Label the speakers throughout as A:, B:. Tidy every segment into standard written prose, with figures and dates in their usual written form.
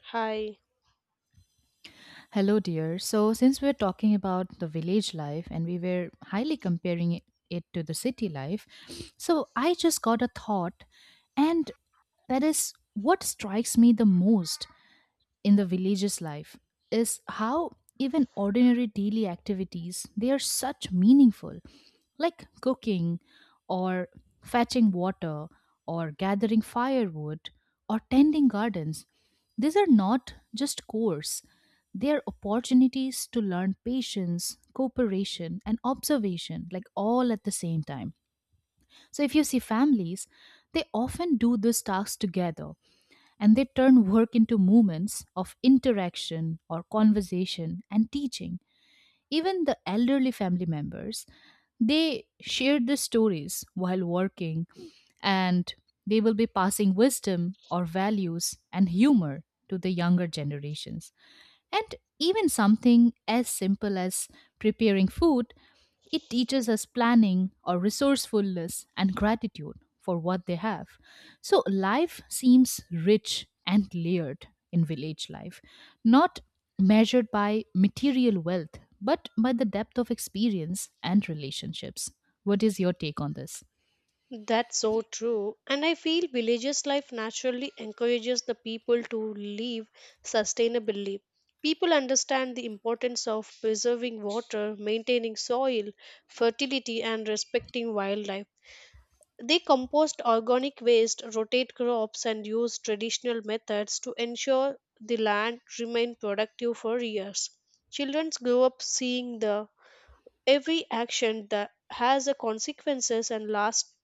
A: Hi,
B: Hello, dear. So, since we're talking about the village life and we were highly comparing it to the city life, so I just got a thought, and that is what strikes me the most in the village's life is how even ordinary daily activities they are such meaningful, like cooking or fetching water or gathering firewood or tending gardens. These are not just chores, they are opportunities to learn patience, cooperation, and observation, like all at the same time. So, if you see families, they often do these tasks together and they turn work into moments of interaction or conversation and teaching. Even the elderly family members, they shared the stories while working and they will be passing wisdom or values and humor to the younger generations. And even something as simple as preparing food, it teaches us planning or resourcefulness and gratitude for what they have. So life seems rich and layered in village life, not measured by material wealth, but by the depth of experience and relationships. What is your take on this?
A: that's so true. And I feel villages life naturally encourages the people to live sustainably. People understand the importance of preserving water, maintaining soil, fertility, and respecting wildlife. They compost organic waste, rotate crops, and use traditional methods to ensure the land remain productive for years. Children grow up seeing the every action that has a consequences and lasts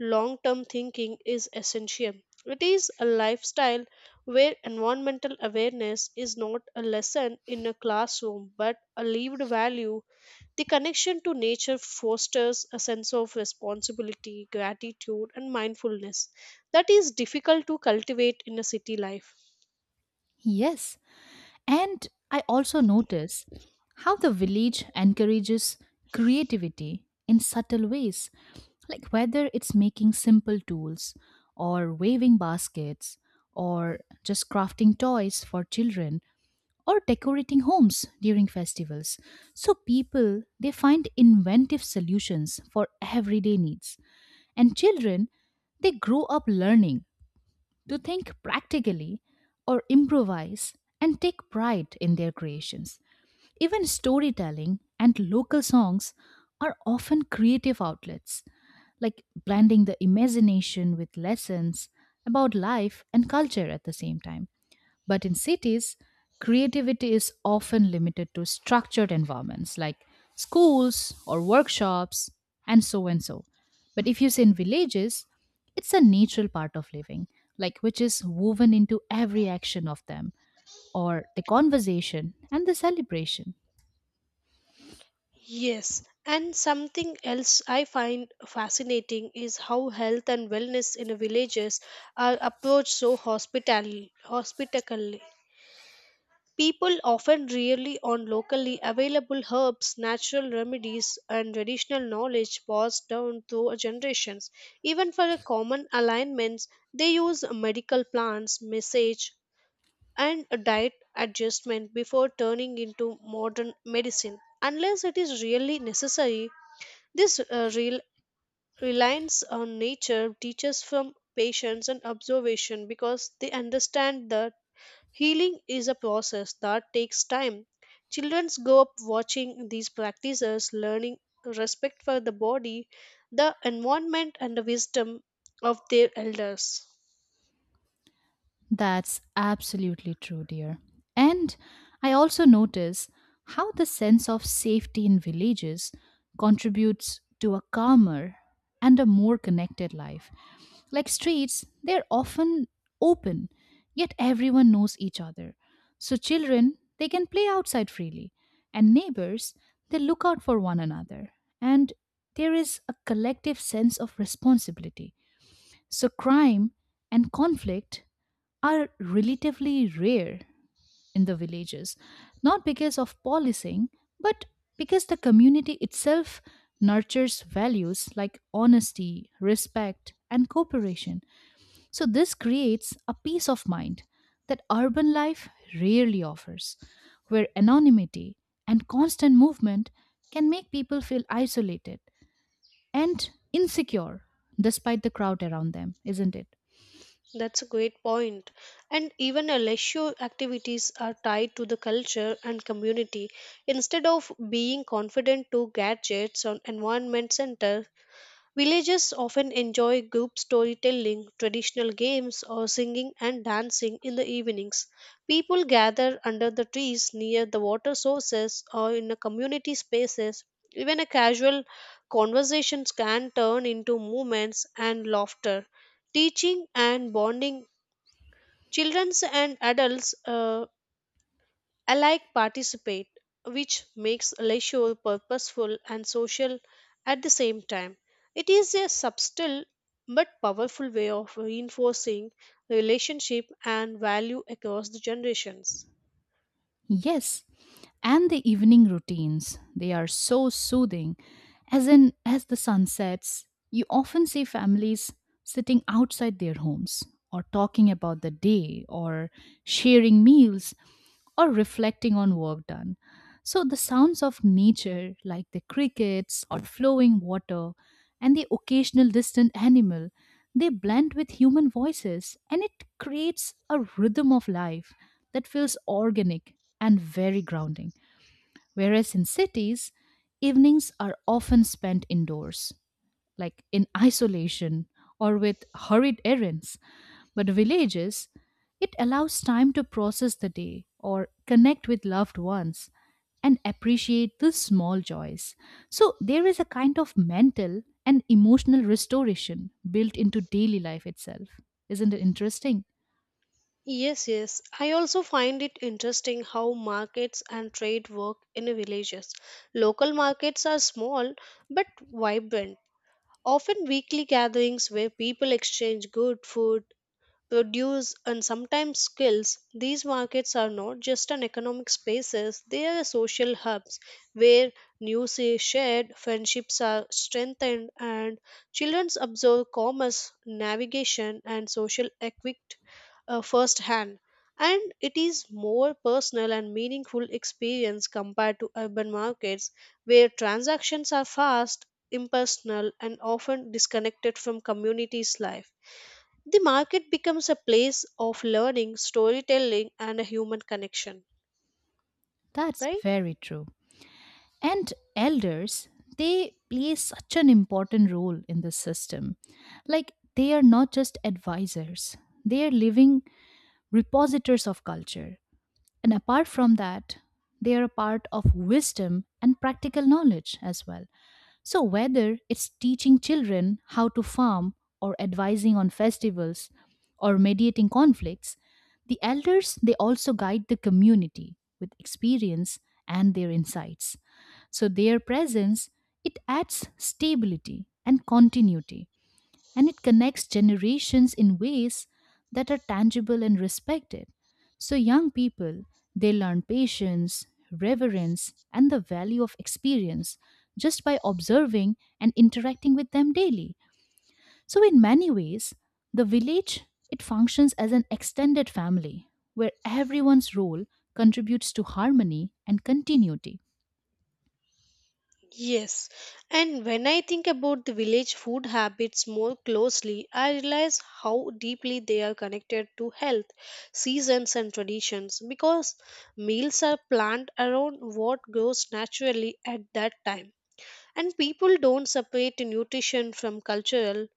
A: long term thinking is essential. It is a lifestyle where environmental awareness is not a lesson in a classroom but a lived value. The connection to nature fosters a sense of responsibility, gratitude, and mindfulness that is difficult to cultivate in a city life.
B: Yes. And I also notice how the village encourages creativity in subtle ways, like whether it's making simple tools, or waving baskets, or just crafting toys for children, or decorating homes during festivals. So people they find inventive solutions for everyday needs, and children they grow up learning to think practically or improvise and take pride in their creations. Even storytelling and local songs are often creative outlets, like blending the imagination with lessons about life and culture at the same time. But in cities, creativity is often limited to structured environments like schools or workshops and so and so. But if you say in villages, it's a natural part of living, like which is woven into every action of them or the conversation and the celebration.
A: Yes, and something else I find fascinating is how health and wellness in the villages are approached so hospitally, hospitably. People often rely on locally available herbs, natural remedies, and traditional knowledge passed down through generations. Even for the common alignments, they use medical plants, massage, and a diet adjustment before turning into modern medicine. Unless it is really necessary, this reliance on nature teaches from patience and observation because they understand that healing is a process that takes time. Children grow up watching these practices, learning respect for the body, the environment, and the wisdom of their elders.
B: That's absolutely true, dear. And I also notice how the sense of safety in villages contributes to a calmer and a more connected life. Like streets, they're often open, yet everyone knows each other. So children, they can play outside freely, and neighbors, they look out for one another. And there is a collective sense of responsibility. So crime and conflict are relatively rare in the villages, not because of policing, but because the community itself nurtures values like honesty, respect, and cooperation. So, this creates a peace of mind that urban life rarely offers, where anonymity and constant movement can make people feel isolated and insecure despite the crowd around them, isn't it?
A: That's a great point. And even a leisure activities are tied to the culture and community. Instead of being confident to gadgets on environment centers, villagers often enjoy group storytelling, traditional games, or singing and dancing in the evenings. People gather under the trees near the water sources or in the community spaces. Even a casual conversations can turn into movements and laughter, teaching and bonding. Children and adults I like participate, which makes leisure purposeful and social at the same time. It is a subtle but powerful way of reinforcing relationship and value across the generations.
B: Yes, and the evening routines. They are so soothing. As in as the sun sets, you often see families sitting outside their homes or talking about the day or sharing meals or reflecting on work done. So the sounds of nature like the crickets or flowing water and the occasional distant animal they blend with human voices and it creates a rhythm of life that feels organic and very grounding. Whereas in cities, evenings are often spent indoors, like in isolation or with hurried errands. But villages, it allows time to process the day or connect with loved ones and appreciate the small joys. So there is a kind of mental and emotional restoration built into daily life itself. Isn't it interesting?
A: Yes, yes. I also find it interesting how markets and trade work in villages. Local markets are small but vibrant, often weekly gatherings where people exchange good food, produce and sometimes skills. These markets are not just an economic spaces, they are social hubs where news is shared, friendships are strengthened, and children observe commerce, navigation, and social equity firsthand, and it is more personal and meaningful experience compared to urban markets where transactions are fast, impersonal, and often disconnected from communities life. The market becomes a place of learning, storytelling, and a human connection,
B: That's
A: right?
B: very true. And elders, they play such an important role in the system. Like they are not just advisors, they are living repositors of culture. And apart from that, they are a part of wisdom and practical knowledge as well. So, whether it's teaching children how to farm, or advising on festivals, or mediating conflicts, the elders they also guide the community with experience and their insights. So, their presence it adds stability and continuity and it connects generations in ways that are tangible and respected. So, young people, they learn patience, reverence, and the value of experience just by observing and interacting with them daily. So, in many ways, the village it functions as an extended family where everyone's role contributes to harmony and continuity.
A: Yes, and when I think about the village food habits more closely, I realize how deeply they are connected to health, seasons, and traditions because meals are planned around what grows naturally at that time. And people don't separate nutrition from cultural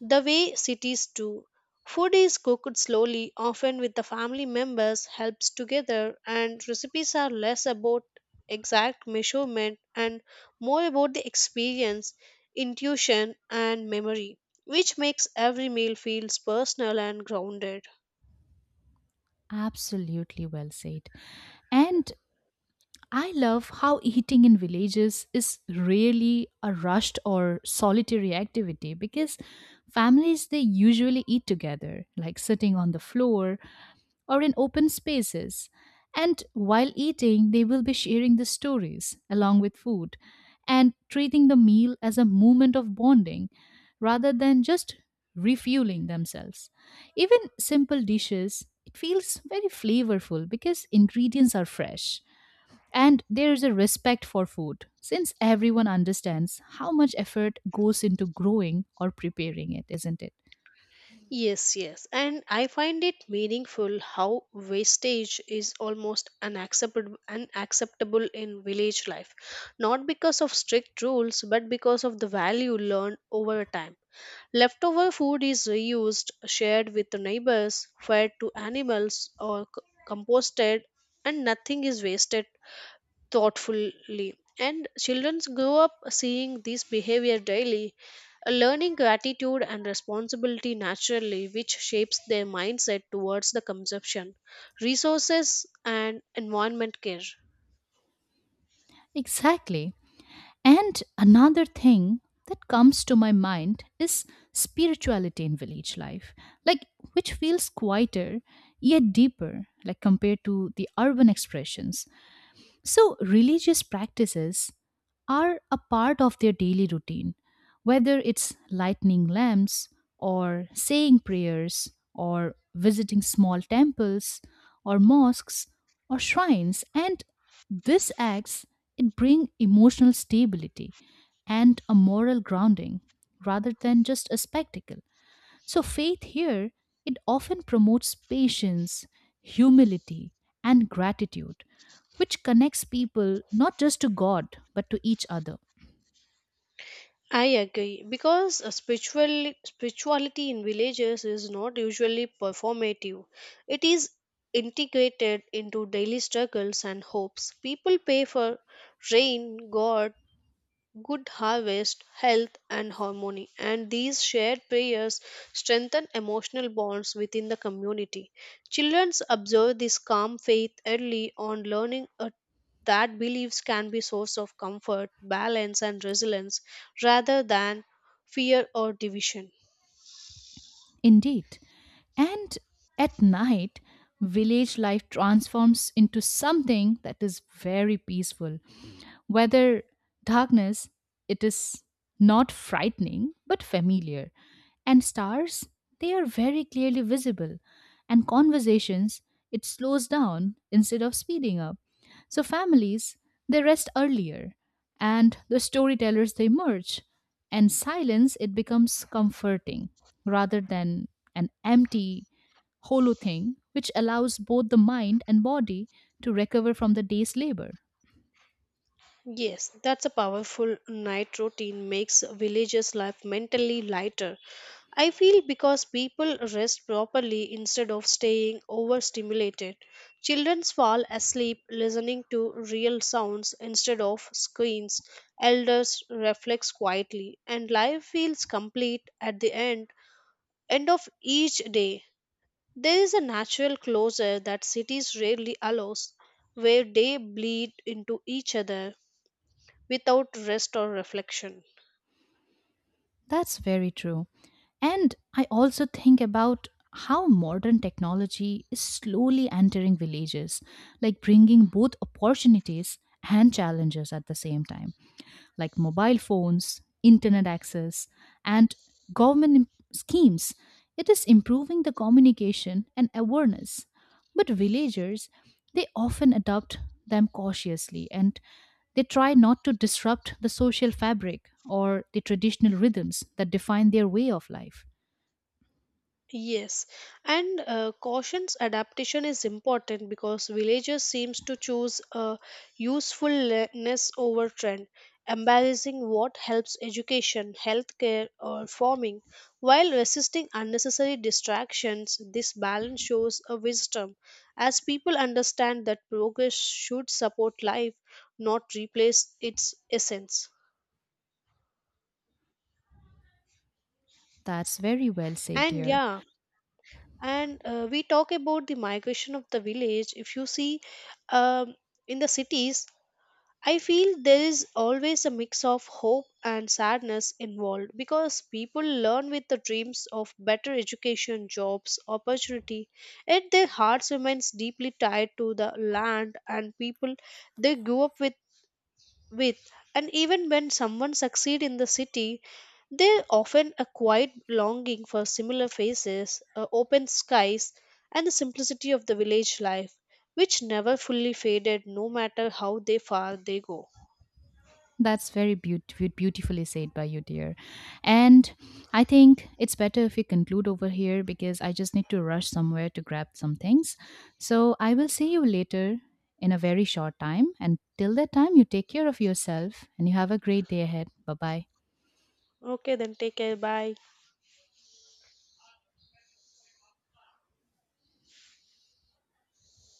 A: the way cities do. Food is cooked slowly, often with the family members helps together, and recipes are less about exact measurement and more about the experience, intuition, and memory, which makes every meal feels personal and grounded.
B: Absolutely well said. And I love how eating in villages is really a rushed or solitary activity because families they usually eat together, like sitting on the floor or in open spaces. And while eating, they will be sharing the stories along with food and treating the meal as a moment of bonding rather than just refueling themselves. Even simple dishes, it feels very flavorful because ingredients are fresh and there is a respect for food, since everyone understands how much effort goes into growing or preparing it, isn't it?
A: Yes, yes. And I find it meaningful how wastage is almost unacceptable in village life. Not because of strict rules, but because of the value learned over time. Leftover food is reused, shared with the neighbors, fed to animals, or composted, and nothing is wasted thoughtfully. And children grow up seeing this behavior daily, learning gratitude and responsibility naturally, which shapes their mindset towards the consumption, resources, and environment care.
B: Exactly. And another thing that comes to my mind is spirituality in village life, like which feels quieter yet deeper, like compared to the urban expressions. So, religious practices are a part of their daily routine, whether it's lighting lamps, or saying prayers, or visiting small temples, or mosques, or shrines. And this acts, it bring emotional stability and a moral grounding rather than just a spectacle. So, faith here, it often promotes patience, humility, and gratitude, which connects people not just to God, but to each other.
A: I agree because a spirituality in villages is not usually performative. It is integrated into daily struggles and hopes. People pay for rain, God, good harvest, health, and harmony. And these shared prayers strengthen emotional bonds within the community. Children observe this calm faith early on, learning a that beliefs can be source of comfort, balance, and resilience rather than fear or division.
B: Indeed. And at night, village life transforms into something that is very peaceful. Whether darkness, it is not frightening but familiar. And stars, they are very clearly visible. And conversations, it slows down instead of speeding up. So families, they rest earlier. And the storytellers, they merge. And silence, it becomes comforting rather than an empty, hollow thing, which allows both the mind and body to recover from the day's labor.
A: Yes, that's a powerful night routine makes villagers' life mentally lighter. I feel because people rest properly instead of staying overstimulated. Children fall asleep listening to real sounds instead of screens. Elders reflect quietly, and life feels complete at the end of each day. There is a natural closure that cities rarely allows, where they bleed into each other without rest or reflection.
B: That's very true. And I also think about how modern technology is slowly entering villages, like bringing both opportunities and challenges at the same time, like mobile phones, internet access, and schemes. It is improving the communication and awareness. But villagers, they often adopt them cautiously and they try not to disrupt the social fabric or the traditional rhythms that define their way of life.
A: Yes, and caution's adaptation is important because villagers seems to choose a usefulness over trend, embracing what helps education, healthcare, or farming, while resisting unnecessary distractions. This balance shows a wisdom, as people understand that progress should support life, not replace its essence.
B: That's very well said,
A: And
B: dear.
A: yeah, and we talk about the migration of the village. If you see um, in the cities, I feel there is always a mix of hope and sadness involved because people learn with the dreams of better education, jobs, opportunity, yet their hearts remains deeply tied to the land and people they grew up with, and even when someone succeed in the city, they often a quiet longing for similar faces, open skies, and the simplicity of the village life, which never fully faded no matter how they far they go.
B: Beautifully said by you, dear. And I think it's better if we conclude over here because I just need to rush somewhere to grab some things. So I will see you later in a very short time. And till that time, you take care of yourself and you have a great day ahead. Bye bye.
A: Okay then, take care, bye.